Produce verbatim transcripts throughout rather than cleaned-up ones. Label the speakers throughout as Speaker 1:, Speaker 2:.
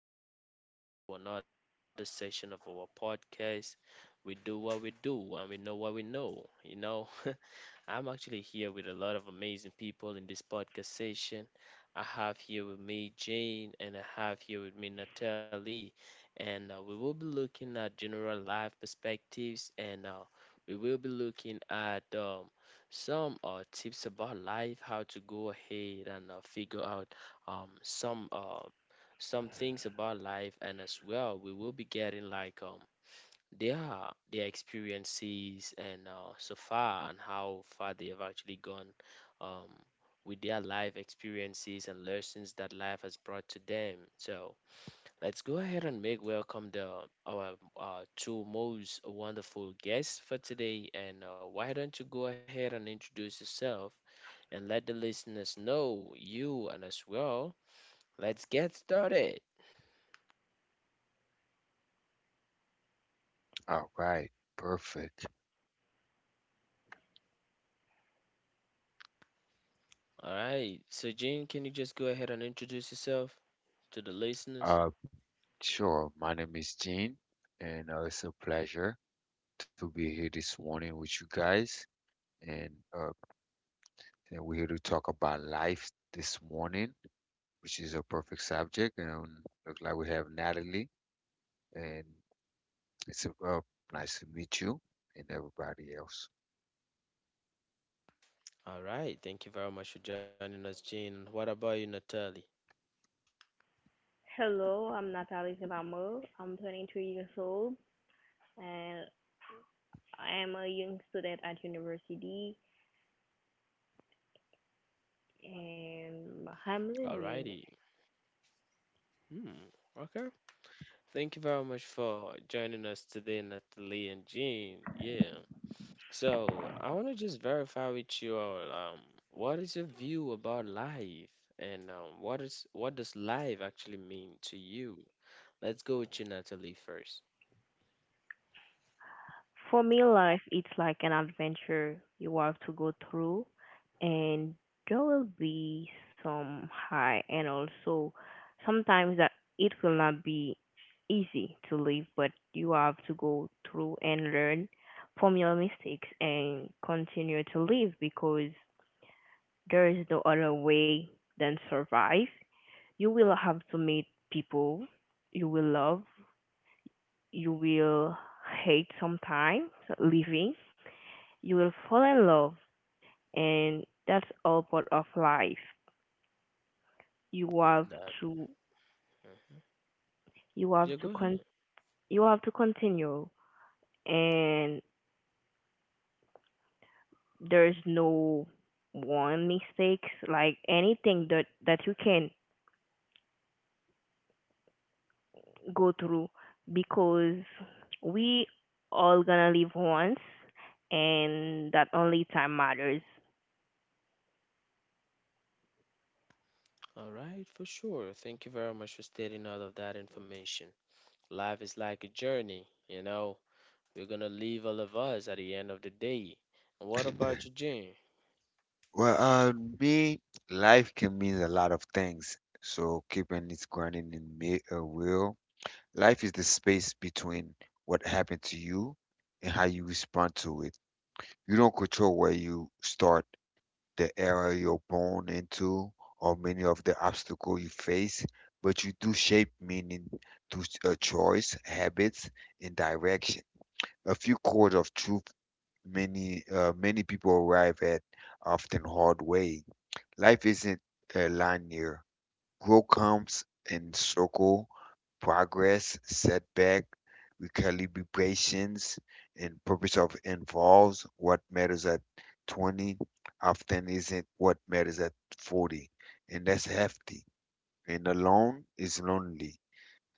Speaker 1: very much for joining us into another session of our podcast. We do what we do and we know what we know, you know. I'm actually here with a lot of amazing people in this podcast session. I have here with me Jane, and I have here with me Natalie, and uh, we will be looking at general life perspectives, and uh, we will be looking at um, some uh, tips about life, how to go ahead and uh, figure out um, some uh, some things about life, and as well, we will be getting like um their their experiences and uh, so far and how far they have actually gone um, with their life experiences and lessons that life has brought to them. So let's go ahead and make welcome the our uh, two most wonderful guests for today. And uh, why don't you go ahead and introduce yourself and let the listeners know you and as well. Let's get started.
Speaker 2: All right, perfect.
Speaker 1: All right. So Jean, can you just go ahead and introduce yourself to the listeners?
Speaker 2: Uh, sure. My name is Gene, and uh, it's a pleasure to be here this morning with you guys. And uh, and we're here to talk about life this morning, which is a perfect subject. And look like we have Natalie, and it's uh, nice to meet you and everybody else.
Speaker 1: All right. Thank you very much for joining us, Jean. What about you, Natalie?
Speaker 3: Hello, I'm Natalie Zivamo. I'm twenty-two years old and I am a young student at university and I'm
Speaker 1: All
Speaker 3: living.
Speaker 1: righty. Hmm. Okay. Thank you very much for joining us today, Natalie and Jean. Yeah. So I want to just verify with you all, um, what is your view about life, and um, what is what does life actually mean to you? Let's go with you, Natalie, first.
Speaker 3: For me, life it's like an adventure you have to go through, and there will be some high and also sometimes that it will not be easy to live, but you have to go through and learn from your mistakes and continue to live because there is no other way than survive. You will have to meet people you will love. You will hate sometimes living. You will fall in love, and that's all part of life. You have
Speaker 1: That.
Speaker 3: to
Speaker 1: Mhm.
Speaker 3: you have
Speaker 1: Yeah,
Speaker 3: to
Speaker 1: go ahead.
Speaker 3: con you have to continue and there's no one mistakes like anything that that you can go through because we all gonna live once, and that only time matters.
Speaker 1: All right, for sure. Thank you very much for stating all of that information. Life is like a journey, you know, We're gonna leave all of us at the end of the day. And what about you, Jane?
Speaker 2: Well, uh, me, life can mean a lot of things. So keeping it grounded in me, uh, will life is the space between what happened to you and how you respond to it. You don't control where you start, the era you're born into, or many of the obstacles you face, but you do shape meaning through a choice, habits, and direction. A few chords of truth many uh, many people arrive at often hard way. Life isn't uh, linear. Growth comes in circle, progress, setback, recalibrations, and purpose of involves what matters at twenty often isn't what matters at forty. And that's hefty. And alone is lonely.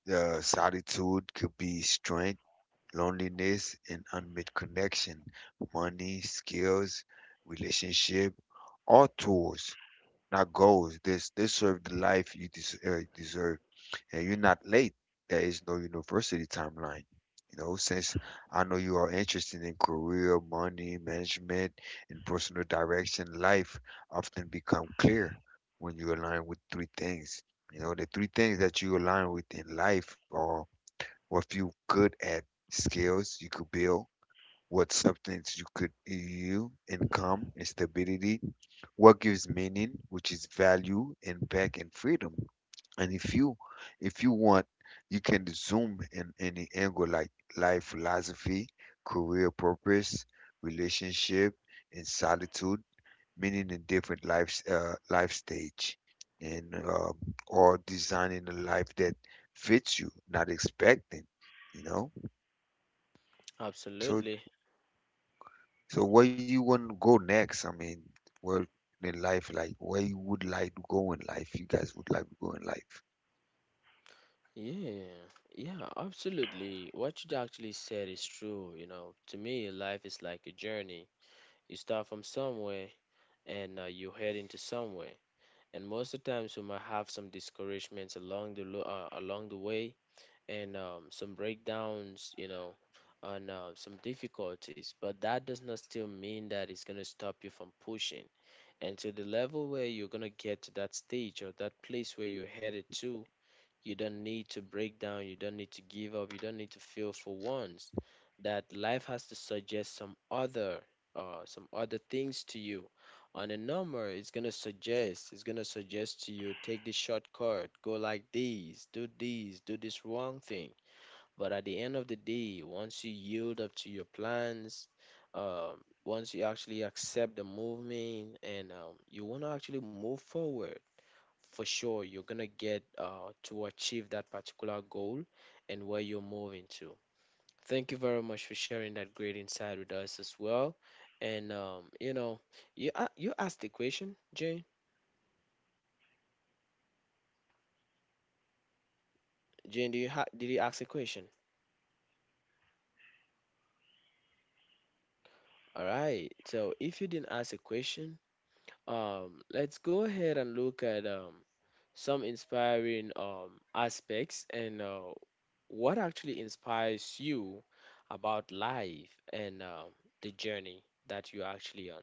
Speaker 2: The solitude could be strength, loneliness, and unmet connection, money, skills, relationship, all tools, not goals. This they serve the life you des- uh, deserve, and you're not late. There is no university timeline. You know, since I know you are interested in career, money, management, and personal direction, life often become clear when you align with three things. You know, the three things that you align with in life are what you're good at, skills you could build, what substance you could you income and stability, what gives meaning, which is value and back and freedom. And if you if you want, you can zoom in any angle like life philosophy, career purpose, relationship, and solitude, meaning in different life uh, life stage, and uh, or designing a life that fits you, not expecting, you know. So
Speaker 1: Absolutely.
Speaker 2: So where you want to go next? I mean, where in life, like where you would like to go in life? You guys would like to go in life.
Speaker 1: Yeah, yeah, absolutely. What you actually said is true. You know, to me, life is like a journey. You start from somewhere and uh, you head into somewhere. And most of the times, we might have some discouragements along the lo- uh, along the way, and um, some breakdowns. You know, and uh, some difficulties. But that does not still mean that it's gonna stop you from pushing. And to the level where you're gonna get to that stage or that place where you're headed to, you don't need to break down, you don't need to give up, you don't need to feel for once that life has to suggest some other uh, some other things to you. On a number, it's gonna suggest, it's gonna suggest to you take this shortcut, go like this, do this, do this wrong thing. But at the end of the day, once you yield up to your plans, um, once you actually accept the movement and um, you want to actually move forward, for sure you're gonna get uh, to achieve that particular goal and where you're moving to. Thank you very much for sharing that great insight with us as well. And um, you know, you a- you asked the question, Jane. Jane, do you ha- did you ask a question? All right. So if you didn't ask a question, Um, let's go ahead and look at um, some inspiring um, aspects and uh, what actually inspires you about life and um the journey that you're actually on.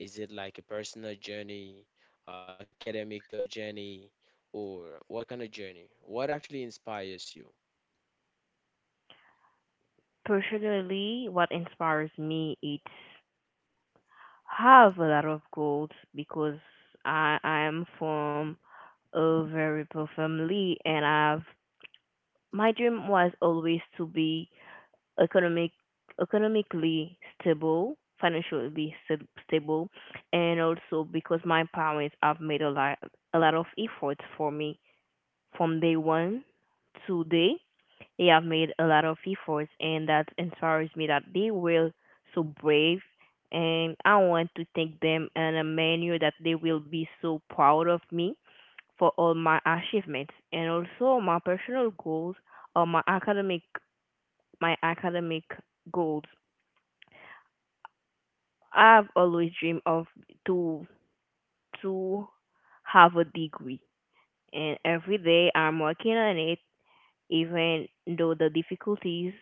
Speaker 1: Is it like a personal journey, academical journey, or what kind of journey? What actually inspires you?
Speaker 3: Personally, what inspires me it's have a lot of goals because I I am from a very poor family, and I've my dream was always to be economic economically stable, financially sta- stable, and also because my parents have made a lot a lot of efforts for me from day one to day. They have made a lot of efforts, and that inspires me that they were so brave. And I want to thank them in a manner that they will be so proud of me for all my achievements, and also my personal goals or my academic my academic goals. I've always dreamed of to to have a degree, and every day I'm working on it, even though the difficulties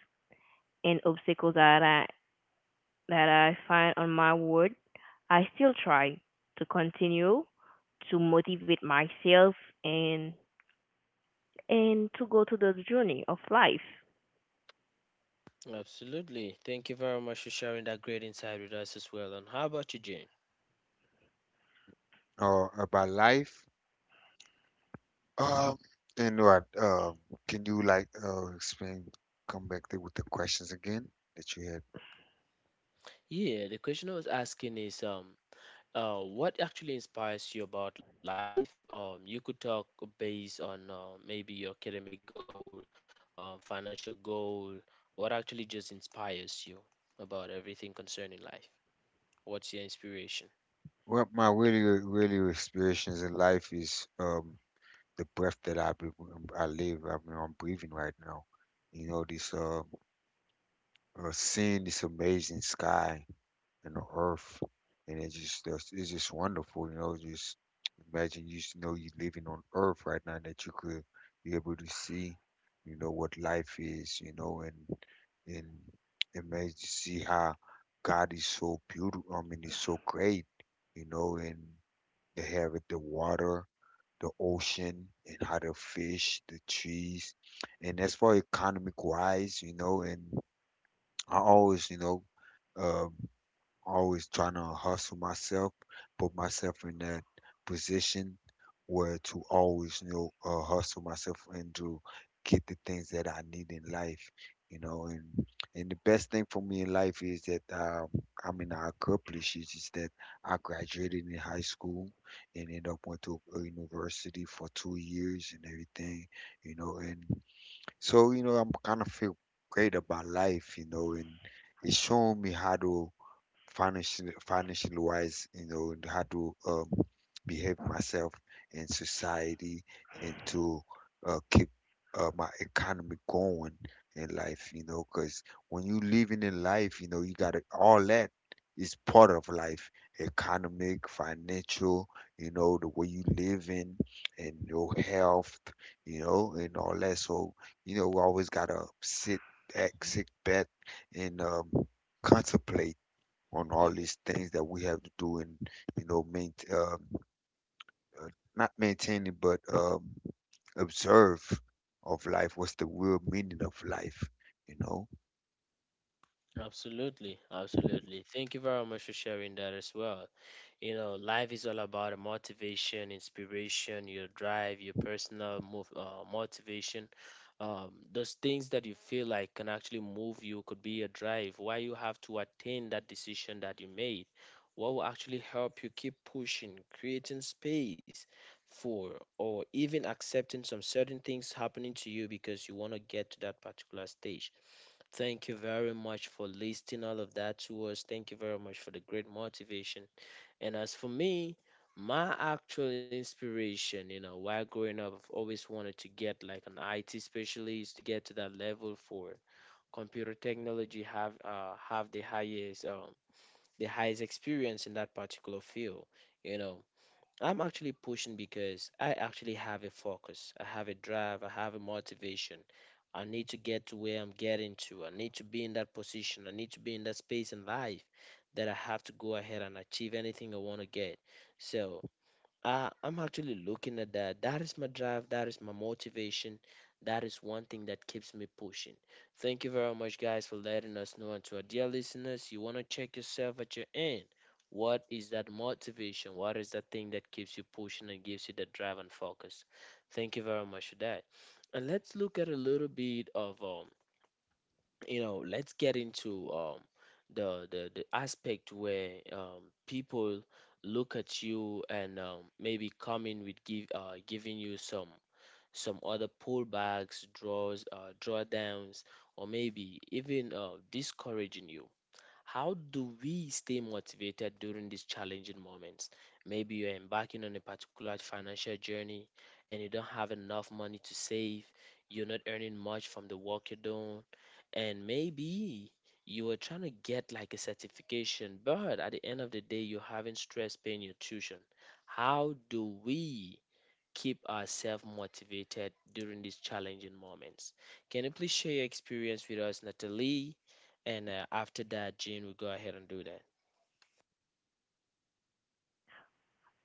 Speaker 3: and obstacles that I that I find on my road, I still try to continue to motivate myself and and to go to the journey of life.
Speaker 1: Absolutely. Thank you very much for sharing that great insight with us as well. And how about you, Jane?
Speaker 2: Or about life? Um, and what? Um, can you like uh explain? Come back there with the questions again that you had.
Speaker 1: Yeah, the question I was asking is um Uh, what actually inspires you about life? Um, you could talk based on uh, maybe your academic goal, uh, financial goal. What actually just inspires you about everything concerning life? What's your inspiration?
Speaker 2: Well, my really, really experiences in life is um the breath that I be, I live. I mean, I'm breathing right now. You know this uh uh, seeing this amazing sky and the earth, and it just it's it's just wonderful, you know. Just imagine you s- know you living on Earth right now that you could be able to see, you know, what life is, you know, and and imagine to see how God is so beautiful. I mean, he's so great, you know, and they have it, the water. The ocean and how the fish, the trees, and as far economic wise, you know, and I always, you know, um, always trying to hustle myself, put myself in that position where to always, you know, uh, hustle myself and to get the things that I need in life, you know. And and the best thing for me in life is that um, I mean I accomplished is, is that I graduated in high school and ended up went to a university for two years and everything, you know, and so, you know, I'm kind of feel great about life, you know, and it's showing me how to financially financially wise, you know, and how to um, behave myself in society and to uh, keep uh, my economy going in life, you know, because when you living in life, you know, you got to, all that is part of life, economic, financial, you know, the way you live in and your health, you know, and all that. So you know we always gotta sit back
Speaker 1: Mm-hmm.
Speaker 2: sit back and um, contemplate on all these things that we have to do, and you know maintain um, uh, not maintaining but um, observe of life, what's the real meaning of life, you know.
Speaker 1: Absolutely, absolutely. Thank you very much for sharing that as well. You know, life is all about motivation, inspiration, your drive, your personal move, uh, motivation. Um, those things that you feel like can actually move you could be a drive. Why you have to attain that decision that you made. What will actually help you keep pushing, creating space for, or even accepting some certain things happening to you because you want to get to that particular stage. Thank you very much for listing all of that to us. Thank you very much for the great motivation. And as for me, my actual inspiration, you know, while growing up, I've always wanted to get like an I T specialist to get to that level for computer technology, have uh, have the highest um, the highest experience in that particular field. You know, I'm actually pushing because I actually have a focus, I have a drive, I have a motivation. I need to get to where I'm getting to. I need to be in that position. I need to be in that space in life that I have to go ahead and achieve anything I want to get. So uh, I'm actually looking at that. That is my drive. That is my motivation. That is one thing that keeps me pushing. Thank you very much, guys, for letting us know. And to our dear listeners, you want to check yourself at your end. What is that motivation? What is that thing that keeps you pushing and gives you that drive and focus? Thank you very much for that. And let's look at a little bit of um, you know, let's get into um, the, the the aspect where um, people look at you and um, maybe come in with give uh, giving you some some other pullbacks, draws, uh, drawdowns, or maybe even uh, discouraging you. How do we stay motivated during these challenging moments? Maybe you're embarking on a particular financial journey and you don't have enough money to save, you're not earning much from the work you're doing, and maybe you are trying to get like a certification, but at the end of the day, you're having stress paying your tuition. How do we keep ourselves motivated during these challenging moments? Can you please share your experience with us, Natalie? And uh, after that, Jane will go ahead and do that.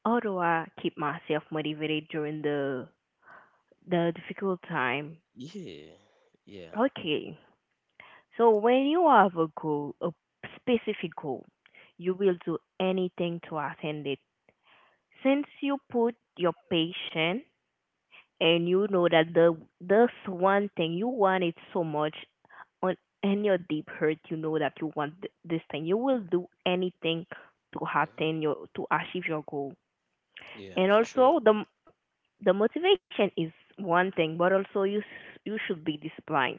Speaker 3: Although I keep myself motivated during the the difficult time.
Speaker 1: Yeah, yeah,
Speaker 3: Okay, so when you have a goal, a specific goal, you will do anything to attain it. Since you put your patience and you know that the this one thing you want it so much on in your deep hurt, you know that you want th- this thing. You will do anything to
Speaker 1: hmm,
Speaker 3: attain your to achieve your goal.
Speaker 1: yeah,
Speaker 3: And
Speaker 1: for sure.
Speaker 3: also the m- the motivation is one thing, but also you s- you should be disciplined.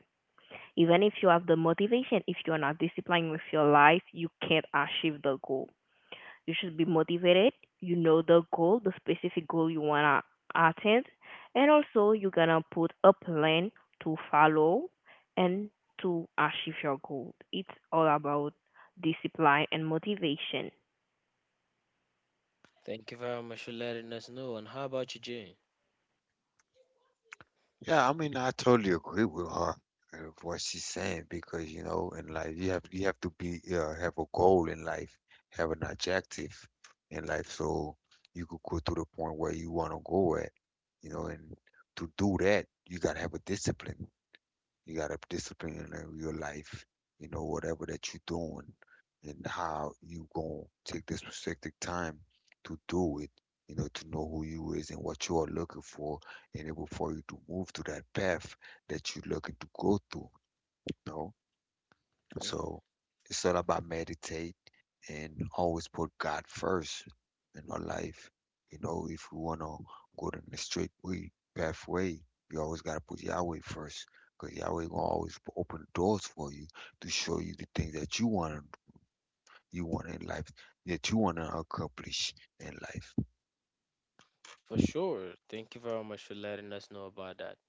Speaker 3: Even if you have the motivation, if you're not disciplined with your life, you can't achieve the goal. You should be motivated. You know the goal, the specific goal you want to attend. And also, you're going to put a plan to follow and to achieve your goal. It's all about discipline and motivation.
Speaker 1: Thank you very much for letting us know. And how about you, Jane?
Speaker 2: Yeah, I mean, I totally agree with her and what she's saying because you know, in life, you have you have to be uh, have a goal in life, have an objective in life, so you could go to the point where you want to go at, you know, and to do that, you gotta have a discipline. You got to discipline in uh, your life, you know, whatever that you're doing and how you going to take this specific time to do it, you know, to know who you is and what you are looking for, and then for you to move to that path that you're looking to go through, you know.
Speaker 1: Hmm.
Speaker 2: So it's all about meditate and always put God first in our life. You know, if we want to go down the straight way, pathway, you always got to put Yahweh first because Yahweh gonna always p- open doors for you to show you the things that you want you want in life that you want to accomplish in life.
Speaker 1: For
Speaker 2: Well,
Speaker 1: sure. Thank you very much for letting us know about that.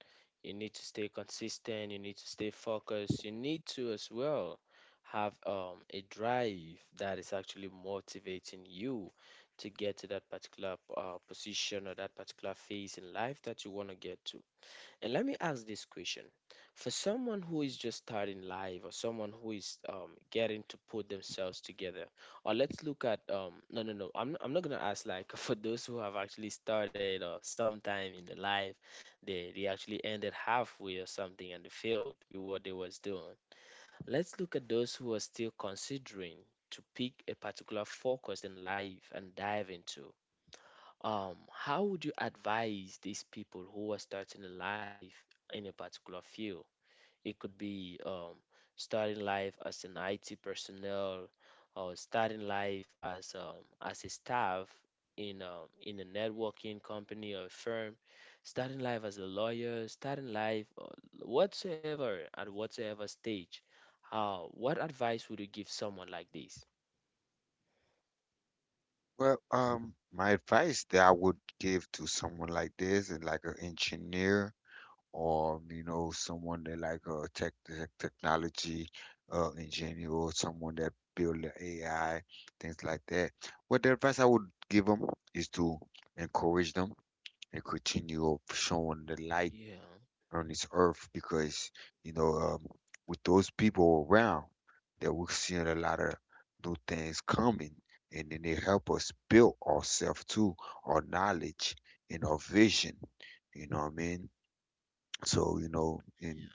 Speaker 1: You need to stay consistent, you need to stay focused, you need to as well have um, a drive that is actually motivating you to get to that particular uh, position or that particular phase in life that you want to get to. And let me ask this question. For someone who is just starting life or someone who is um, getting to put themselves together, or let's look at um, no, no, no, I'm, I'm not going to ask like for those who have actually started or sometime in their life, they, they actually ended halfway or something and they failed with what they was doing. Let's look at those who are still considering to pick a particular focus in life and dive into. Um, how would you advise these people who are starting a life in a particular field? It could be um, starting life as an I T personnel or starting life as um, as a staff in um, in a networking company or firm, starting life as a lawyer, starting life uh, whatsoever at whatsoever stage. Uh, what advice would you give someone like this?
Speaker 2: um, my advice that I would give to someone like this and like an engineer or you know someone that like a tech, tech technology uh, engineer or someone that build the A I, things like that. What the advice I would give them is to encourage them and continue of showing the light
Speaker 1: Yeah.
Speaker 2: on this earth because you know um, with those people around that we're seeing a lot of new things coming and then they help us build ourselves too, our knowledge and our vision. You know what I mean? So, you know, and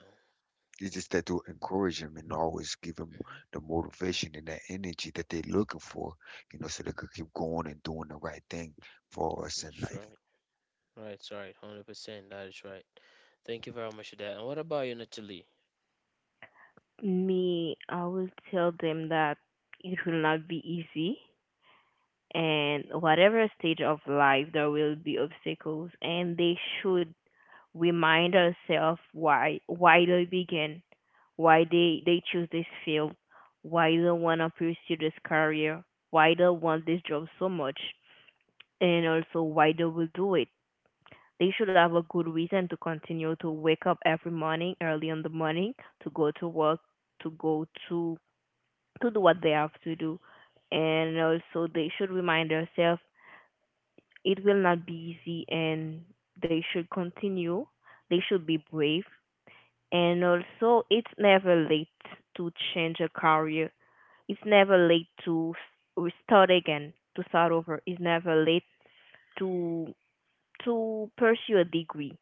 Speaker 2: it's just that to encourage them and always give them
Speaker 1: Yeah, mhm,
Speaker 2: the motivation and that energy that they're looking for, you know, so they could keep going and doing the right thing for us in
Speaker 1: that's right.
Speaker 2: life.
Speaker 1: Right, right, one hundred percent. That is right. Thank you very much for that. And what about you, Natalie?
Speaker 3: Me, I will tell them that it will not be easy, and whatever stage of life there will be obstacles, and they should remind ourselves why why they begin, why they they choose this field, why they want to pursue this career, why they want this job so much, and also why they will do it. They should have a good reason to continue to wake up every morning, early in the morning, to go to work, to go to to do what they have to do, and also they should remind themselves it will not be easy, and they should continue. They should be brave. And also, it's never late to change a career. It's never late to s- start again, to start over. It's never late to to pursue a degree.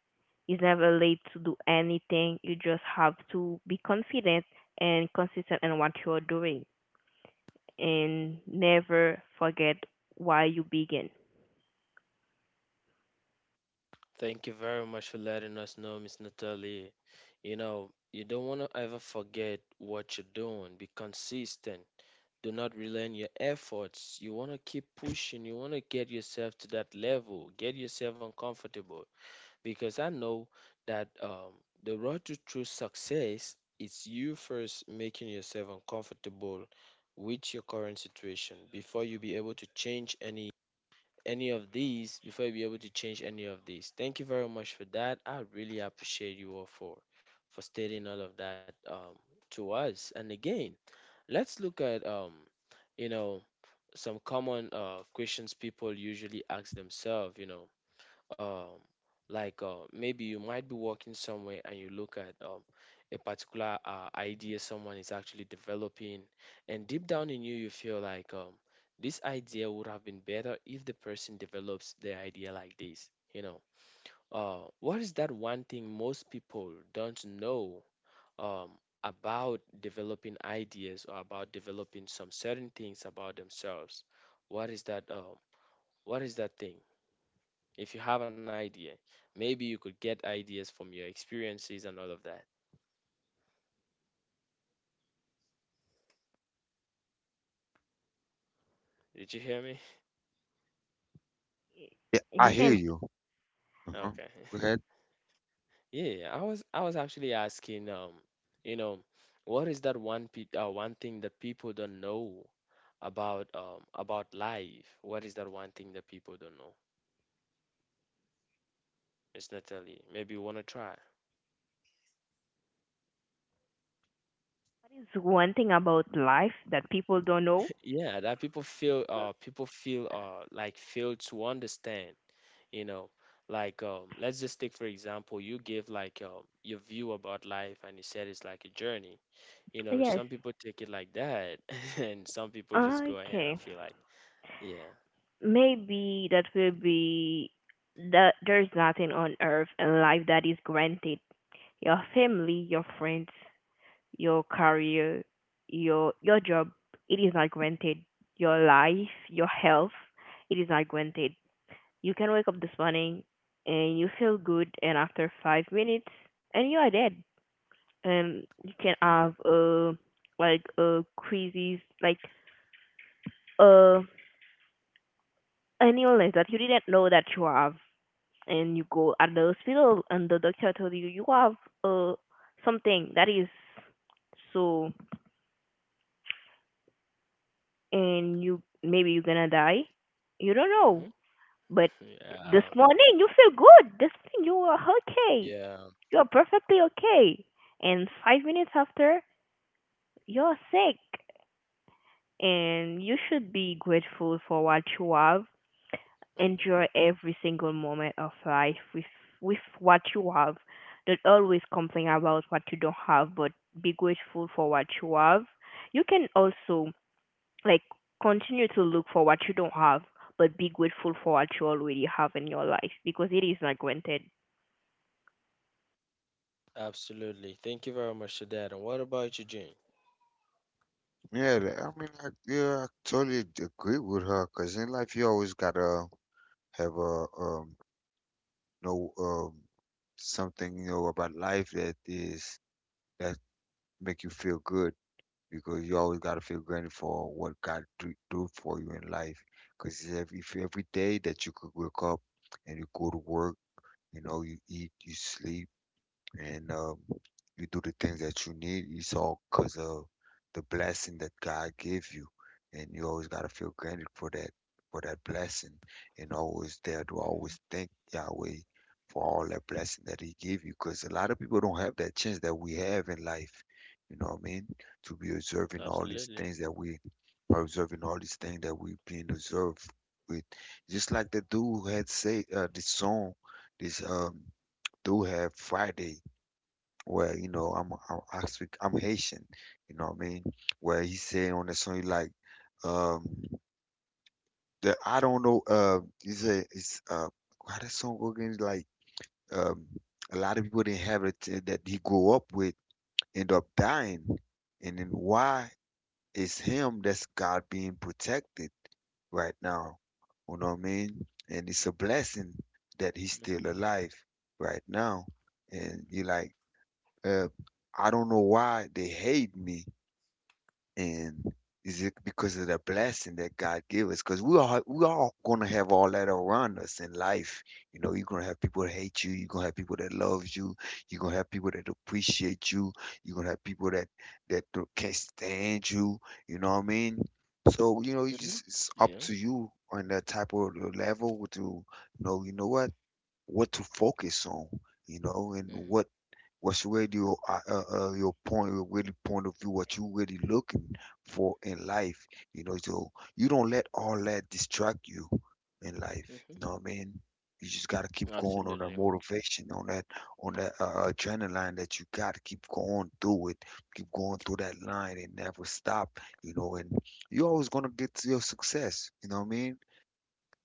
Speaker 3: It's never late to do anything. You just have to be confident and consistent in what you are doing, and never forget why you begin.
Speaker 1: Thank you very much for letting us know, Miss Natalie. You know, you don't want to ever forget what you're doing. Be consistent. Do not rely on your efforts. You want to keep pushing. You want to get yourself to that level. Get yourself uncomfortable. Because I know that um, the road to true success is you first making yourself uncomfortable with your current situation before you be able to change any any of these before you be able to change any of these. Thank you very much for that. I really appreciate you all for for stating all of that um, to us. And again, let's look at um, you know some common uh, questions people usually ask themselves. You know um like uh, maybe you might be working somewhere and you look at um, a particular uh, idea someone is actually developing and deep down in you you feel like um, this idea would have been better if the person develops the idea like this. You know uh, what is that one thing most people don't know um, about developing ideas or about developing some certain things about themselves. What is that um, what is that thing if you have an idea, maybe you could get ideas from your experiences and all of that. Did you hear me?
Speaker 2: Yeah, I
Speaker 3: You
Speaker 2: hear
Speaker 3: can.
Speaker 2: you. Uh-huh.
Speaker 1: Okay.
Speaker 2: Go ahead.
Speaker 1: Yeah, I was I was actually asking, um, you know, what is that one pe uh, one thing that people don't know about um about life? What is that one thing that people don't know? Miss Natalie, maybe you wanna try.
Speaker 3: What is one thing about life that people don't know?
Speaker 1: Yeah, that people feel uh people feel uh like fail to understand. you know like um, let's just take for example you give like um, your view about life and you said it's like a journey. You know,
Speaker 3: Yes.
Speaker 1: some people take it like that, and some people just go ahead and
Speaker 3: Okay.
Speaker 1: feel like yeah.
Speaker 3: Maybe that will be that there's nothing on earth and life that is granted. Your family, your friends, your career, your your job, it is not granted. Your life, your health, it is not granted. You can wake up this morning and you feel good, and after five minutes and you are dead. And you can
Speaker 1: Hmm.
Speaker 3: have uh like a crazy, like uh an illness that you didn't know that you have, and you go at the hospital and the doctor told you you have uh something that is so, and you maybe you're gonna die, you don't
Speaker 1: Hmm.
Speaker 3: know, but this
Speaker 1: Yeah.
Speaker 3: morning you feel good, this morning you are okay,
Speaker 1: Yeah,
Speaker 3: you are perfectly okay, and five minutes after you're sick. And you should be grateful for what you have,
Speaker 1: mhm,
Speaker 3: enjoy every single moment of life with with what you have. Don't always complain about what you don't have, but be grateful for what you have. You can also like continue to look for what you don't have, but be grateful for what you already have in your life because it is not granted.
Speaker 1: absolutely. Thank you very much for that. And what about you, Jane?
Speaker 2: Yeah, th- I mean, I, yeah, I totally d- agree with her because in life you always gotta have a um, know um, something you know about life that is that make you feel good. Because you always got to feel grateful for what God do, do for you in life. Because if, if every day that you could wake up and you go to work, you know, you eat, you sleep, and um, you do the things that you need. It's all because of the blessing that God gave you, and you always gotta feel grateful for that for that blessing, and always there to
Speaker 1: Mhm.
Speaker 2: always thank Yahweh for all that blessing that He gave you. Because a lot of people don't have that chance that we have in life. You know what I mean? To be observing all these
Speaker 1: Absolutely.
Speaker 2: things that we are observing all these things that we being observed with, just like the dude had say uh, this song, this um dude had Friday where you know I'm I'm I I'm Haitian, you know what I mean? Where he said on the song he like um that I don't know uh he said it's uh how that song go again. It's like um a lot of people didn't have it t- that he grew up with end up dying, and then why is him that's God being protected right now. You know what I mean? And it's a blessing that he's still
Speaker 1: Hmm.
Speaker 2: alive right now. And you like uh, I don't know why they hate me, and is it because of the blessing that God gave us? Because we are we are gonna have all that around us in life. You know, you're gonna have people that hate you. You're gonna have people that love you. You're gonna have people that appreciate you. You're gonna have people that that don't- can't stand you. You know what I mean? So you know, it's
Speaker 1: Hmm.
Speaker 2: just it's up
Speaker 1: Yeah.
Speaker 2: to you on that type of level to know. You know what? What to focus on? You know, and
Speaker 1: Hmm.
Speaker 2: what what's really your uh, uh, uh, your point your really point of view, what you really looking for in life, you know, so you don't let all that distract you in life,
Speaker 1: Hmm.
Speaker 2: you know what I mean. You just gotta keep going on that
Speaker 1: Absolutely.
Speaker 2: motivation on that on that uh, uh, adrenaline that you got, keep going through it, keep going through that line and never stop, you know, and you're always gonna get to your success, you know what I mean.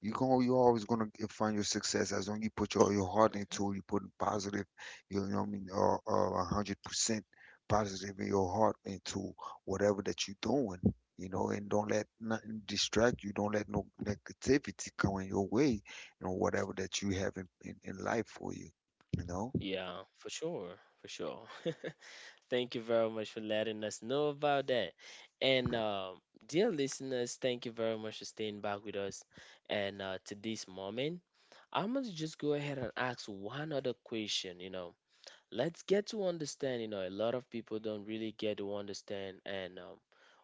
Speaker 2: you gon' You're always gonna get, find your success as long you put your, your heart
Speaker 1: Hmm.
Speaker 2: into it, you put positive, you know what I mean, uh, uh, one hundred percent positive in your heart into whatever that you're doing, you know, and don't let nothing distract you. Don't let no negativity come in your way, you know, whatever that you have in, in, in life for you, you know?
Speaker 1: Yeah, for sure. For sure. Thank you very much for letting us know about that. And um, dear listeners, thank you very much for staying back with us and uh, to this moment. I'm going to just go ahead and ask one other question, you know. Let's get to understand, you know, a lot of people don't really get to understand and um,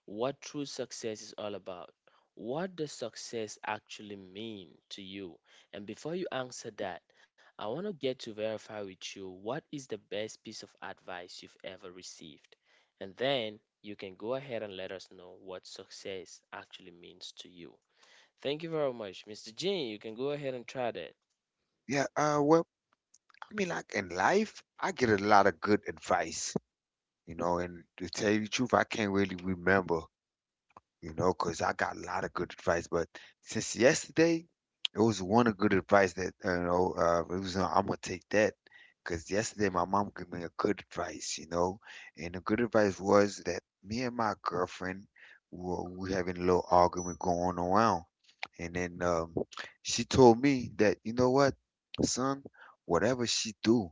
Speaker 1: what true success is all about. What does success actually mean to you? And before you answer that, I want to get to verify with you what is the best piece of advice you've ever received. And then you can go ahead and let us know what success actually means to you. Thank you very much, mister Jin. You can go ahead and try that.
Speaker 2: Yeah, uh, well, I mean, like in life, I get a lot of good advice, you know, and to tell you the truth, I can't really remember, you know, because I got a lot of good advice. But since yesterday, it was one of good advice that you know, uh, it was uh, I'm gonna take that because yesterday my mom gave me a good advice, you know, and the good advice was that me and my girlfriend were we having a little argument going around, and then um, she told me that, you know what, son, whatever she do,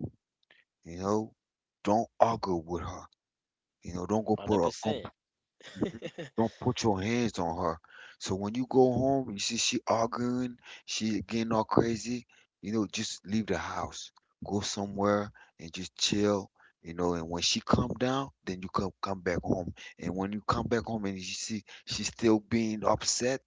Speaker 2: you know, don't argue with her. You know,
Speaker 1: Mm,
Speaker 2: don't go put her.
Speaker 1: one hundred percent.
Speaker 2: Mm. Don't put your hands on her. So when you go
Speaker 1: Mhm,
Speaker 2: home, you see she arguing, she getting all crazy, you know, just leave the house. Go somewhere and just chill, you know, and when she calm down, then you come come back home. And when you come back home and you see she's still being upset,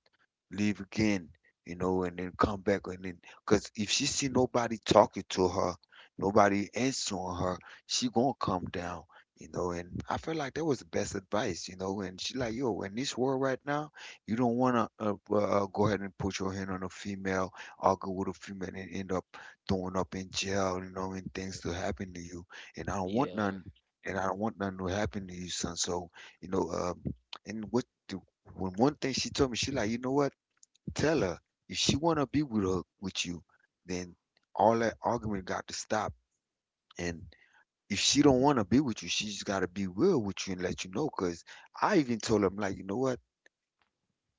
Speaker 2: leave again, you know, and then come back, and then because if she see nobody talking to her, nobody answering her, she gonna come down, you know. And I feel like that was the best advice, you know. And she like, yo, in this world right now, you don't wanna uh, uh, uh, go ahead and put your hand on a female, argue with a female, and end up throwing up in jail, you know, and things to
Speaker 1: mhm.
Speaker 2: happen to you. And I don't want none.
Speaker 1: Yeah.
Speaker 2: And I don't want nothing to happen to you, son. So, you know, um, and what the when one thing she told me, she like, you know what? Tell her if she wanna be with her with you, then all that argument got to stop. And if she don't wanna be with you, she just gotta be real with you and let you know. Cause I even told him like, you know what?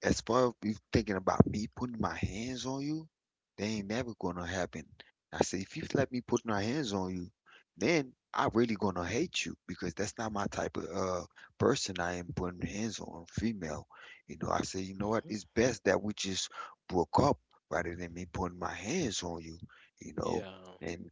Speaker 2: As far as you thinking about me putting my hands on you, that ain't never gonna happen. I said, if you let me put my hands on you, then I really gonna hate you because that's not my type of uh person I am, putting hands on female. You know, I said, you know what,
Speaker 1: Mhm.
Speaker 2: it's best that we just broke up rather than me putting my hands on you, you know.
Speaker 1: Yeah.
Speaker 2: And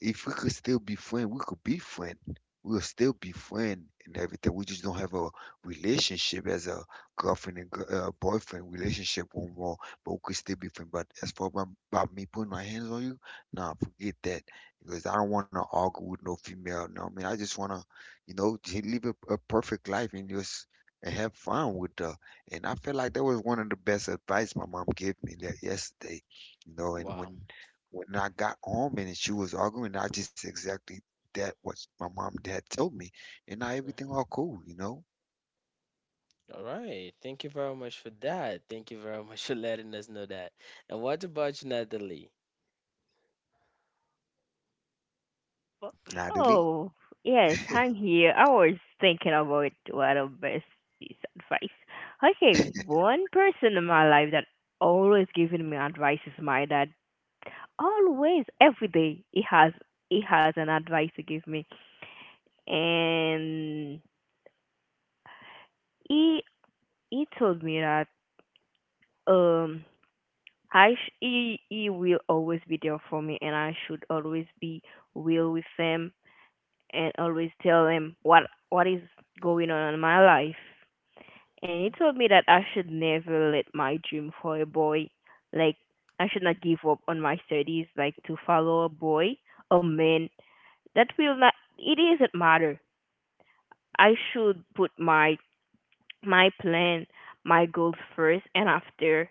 Speaker 2: if we could still be friends, we could be friends. We'll still be friends and everything. We just don't have a relationship as a girlfriend and gir- uh, boyfriend relationship anymore. But we could still be friends. But as far about, about me putting my hands on you, nah, forget that. Because I don't want to argue with no female. No, I mean, I just want to, you know, j- live a, a perfect life and just and have fun with her. And I feel like that was one of the best advice my mom gave me that yesterday. You know, and
Speaker 1: Wow.
Speaker 2: when when I got home and she was arguing, I just exactly that what my mom and dad told me, and now everything
Speaker 1: Mhm.
Speaker 2: all cool, you know.
Speaker 1: All right. Thank you very much for that. Thank you very much for letting us know that. And what about you, Natalie?
Speaker 3: But-
Speaker 2: Natalie.
Speaker 3: Oh yes, I'm here. I was thinking about what a best piece of advice. Okay, one person in my life that always giving me advice is my dad. Always, every day, he has he has an advice to give me, and he he told me that um I sh- he he will always be there for me, and I should always be real with him and always tell him what what is going on in my life. And he
Speaker 1: Mhm.
Speaker 3: told me that I should never let my dream for a boy, like I should not give up on my studies, like to follow a boy, a man. That will not. It doesn't matter. I should put my my plan, my goals first, and after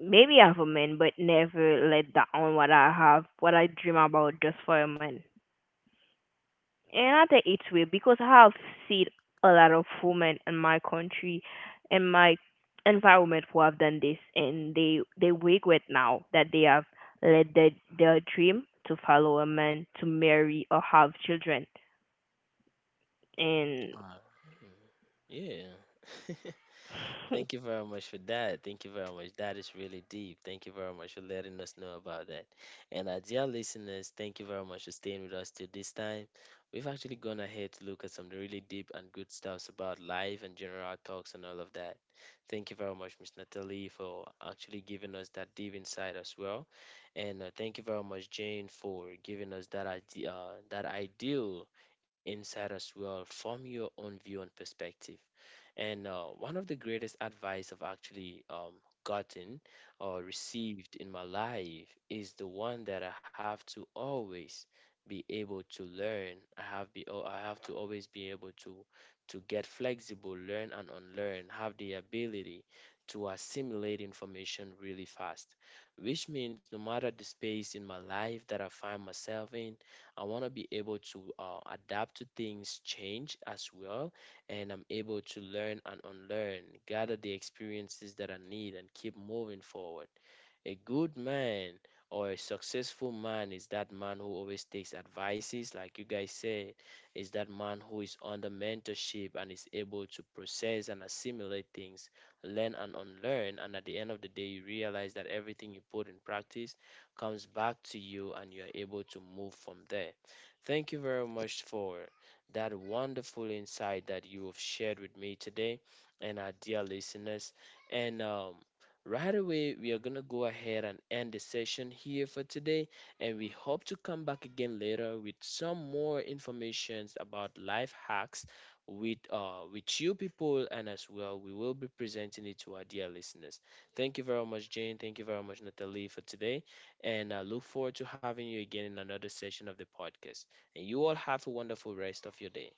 Speaker 3: maybe have a man, but never let down what I have, what I dream about just for a man. And I think it's weird because I have seen a lot of women in my country, in my environment who have done this, and they they regret now that they have let their their dream to follow a man, to marry or have children, and
Speaker 1: Uh, yeah. Thank you very much for that. Thank you very much. That is really deep. Thank you very much for letting us know about that. And our dear listeners, thank you very much for staying with us till this time. We've actually gone ahead to look at some really deep and good stuffs about life and general talks and all of that. Thank you very much, Miss Natalie, for actually giving us that deep insight as well. And uh, thank you very much, Jane, for giving us that idea, uh, that ideal insight as well from your own view and perspective. And uh, one of the greatest advice I've actually um, gotten or received in my life is the one that I have to always be able to learn. I have be oh, I have to always be able to to get flexible, learn and unlearn, have the ability to assimilate information really fast. Which means no matter the space in my life that I find myself in, I want to be able to uh, adapt to things, change as well, and I'm able to learn and unlearn, gather the experiences that I need, and keep moving forward. A good man or a successful man is that man who always takes advices, like you guys said, is that man who is under mentorship and is able to process and assimilate things, learn and unlearn. And at the end of the day, you realize that everything you put in practice comes back to you and you're able to move from there. Thank you very much for that wonderful insight that you have shared with me today and our dear listeners. And um, right away, we are going to go ahead and end the session here for today, and we hope to come back again later with some more informations about life hacks with uh, with you people, and as well, we will be presenting it to our dear listeners. Thank you very much, Jane. Thank you very much, Natalie, for today, and I look forward to having you again in another session of the podcast. And you all have a wonderful rest of your day.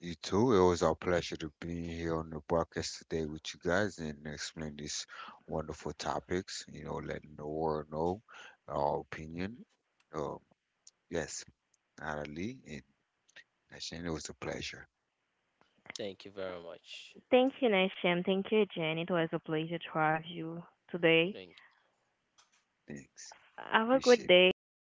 Speaker 2: You too. It was our pleasure to be here on the podcast today with you guys and explain these wonderful topics. You know, letting the world know our opinion. Um, yes, Natalie and Ashane, it was a pleasure.
Speaker 1: Thank you very much.
Speaker 3: thank you, Nasham. Thank you, Jen. It was a pleasure to have you today.
Speaker 1: Thank
Speaker 2: Thanks.
Speaker 3: Have a good
Speaker 2: Appreciate it.
Speaker 3: day.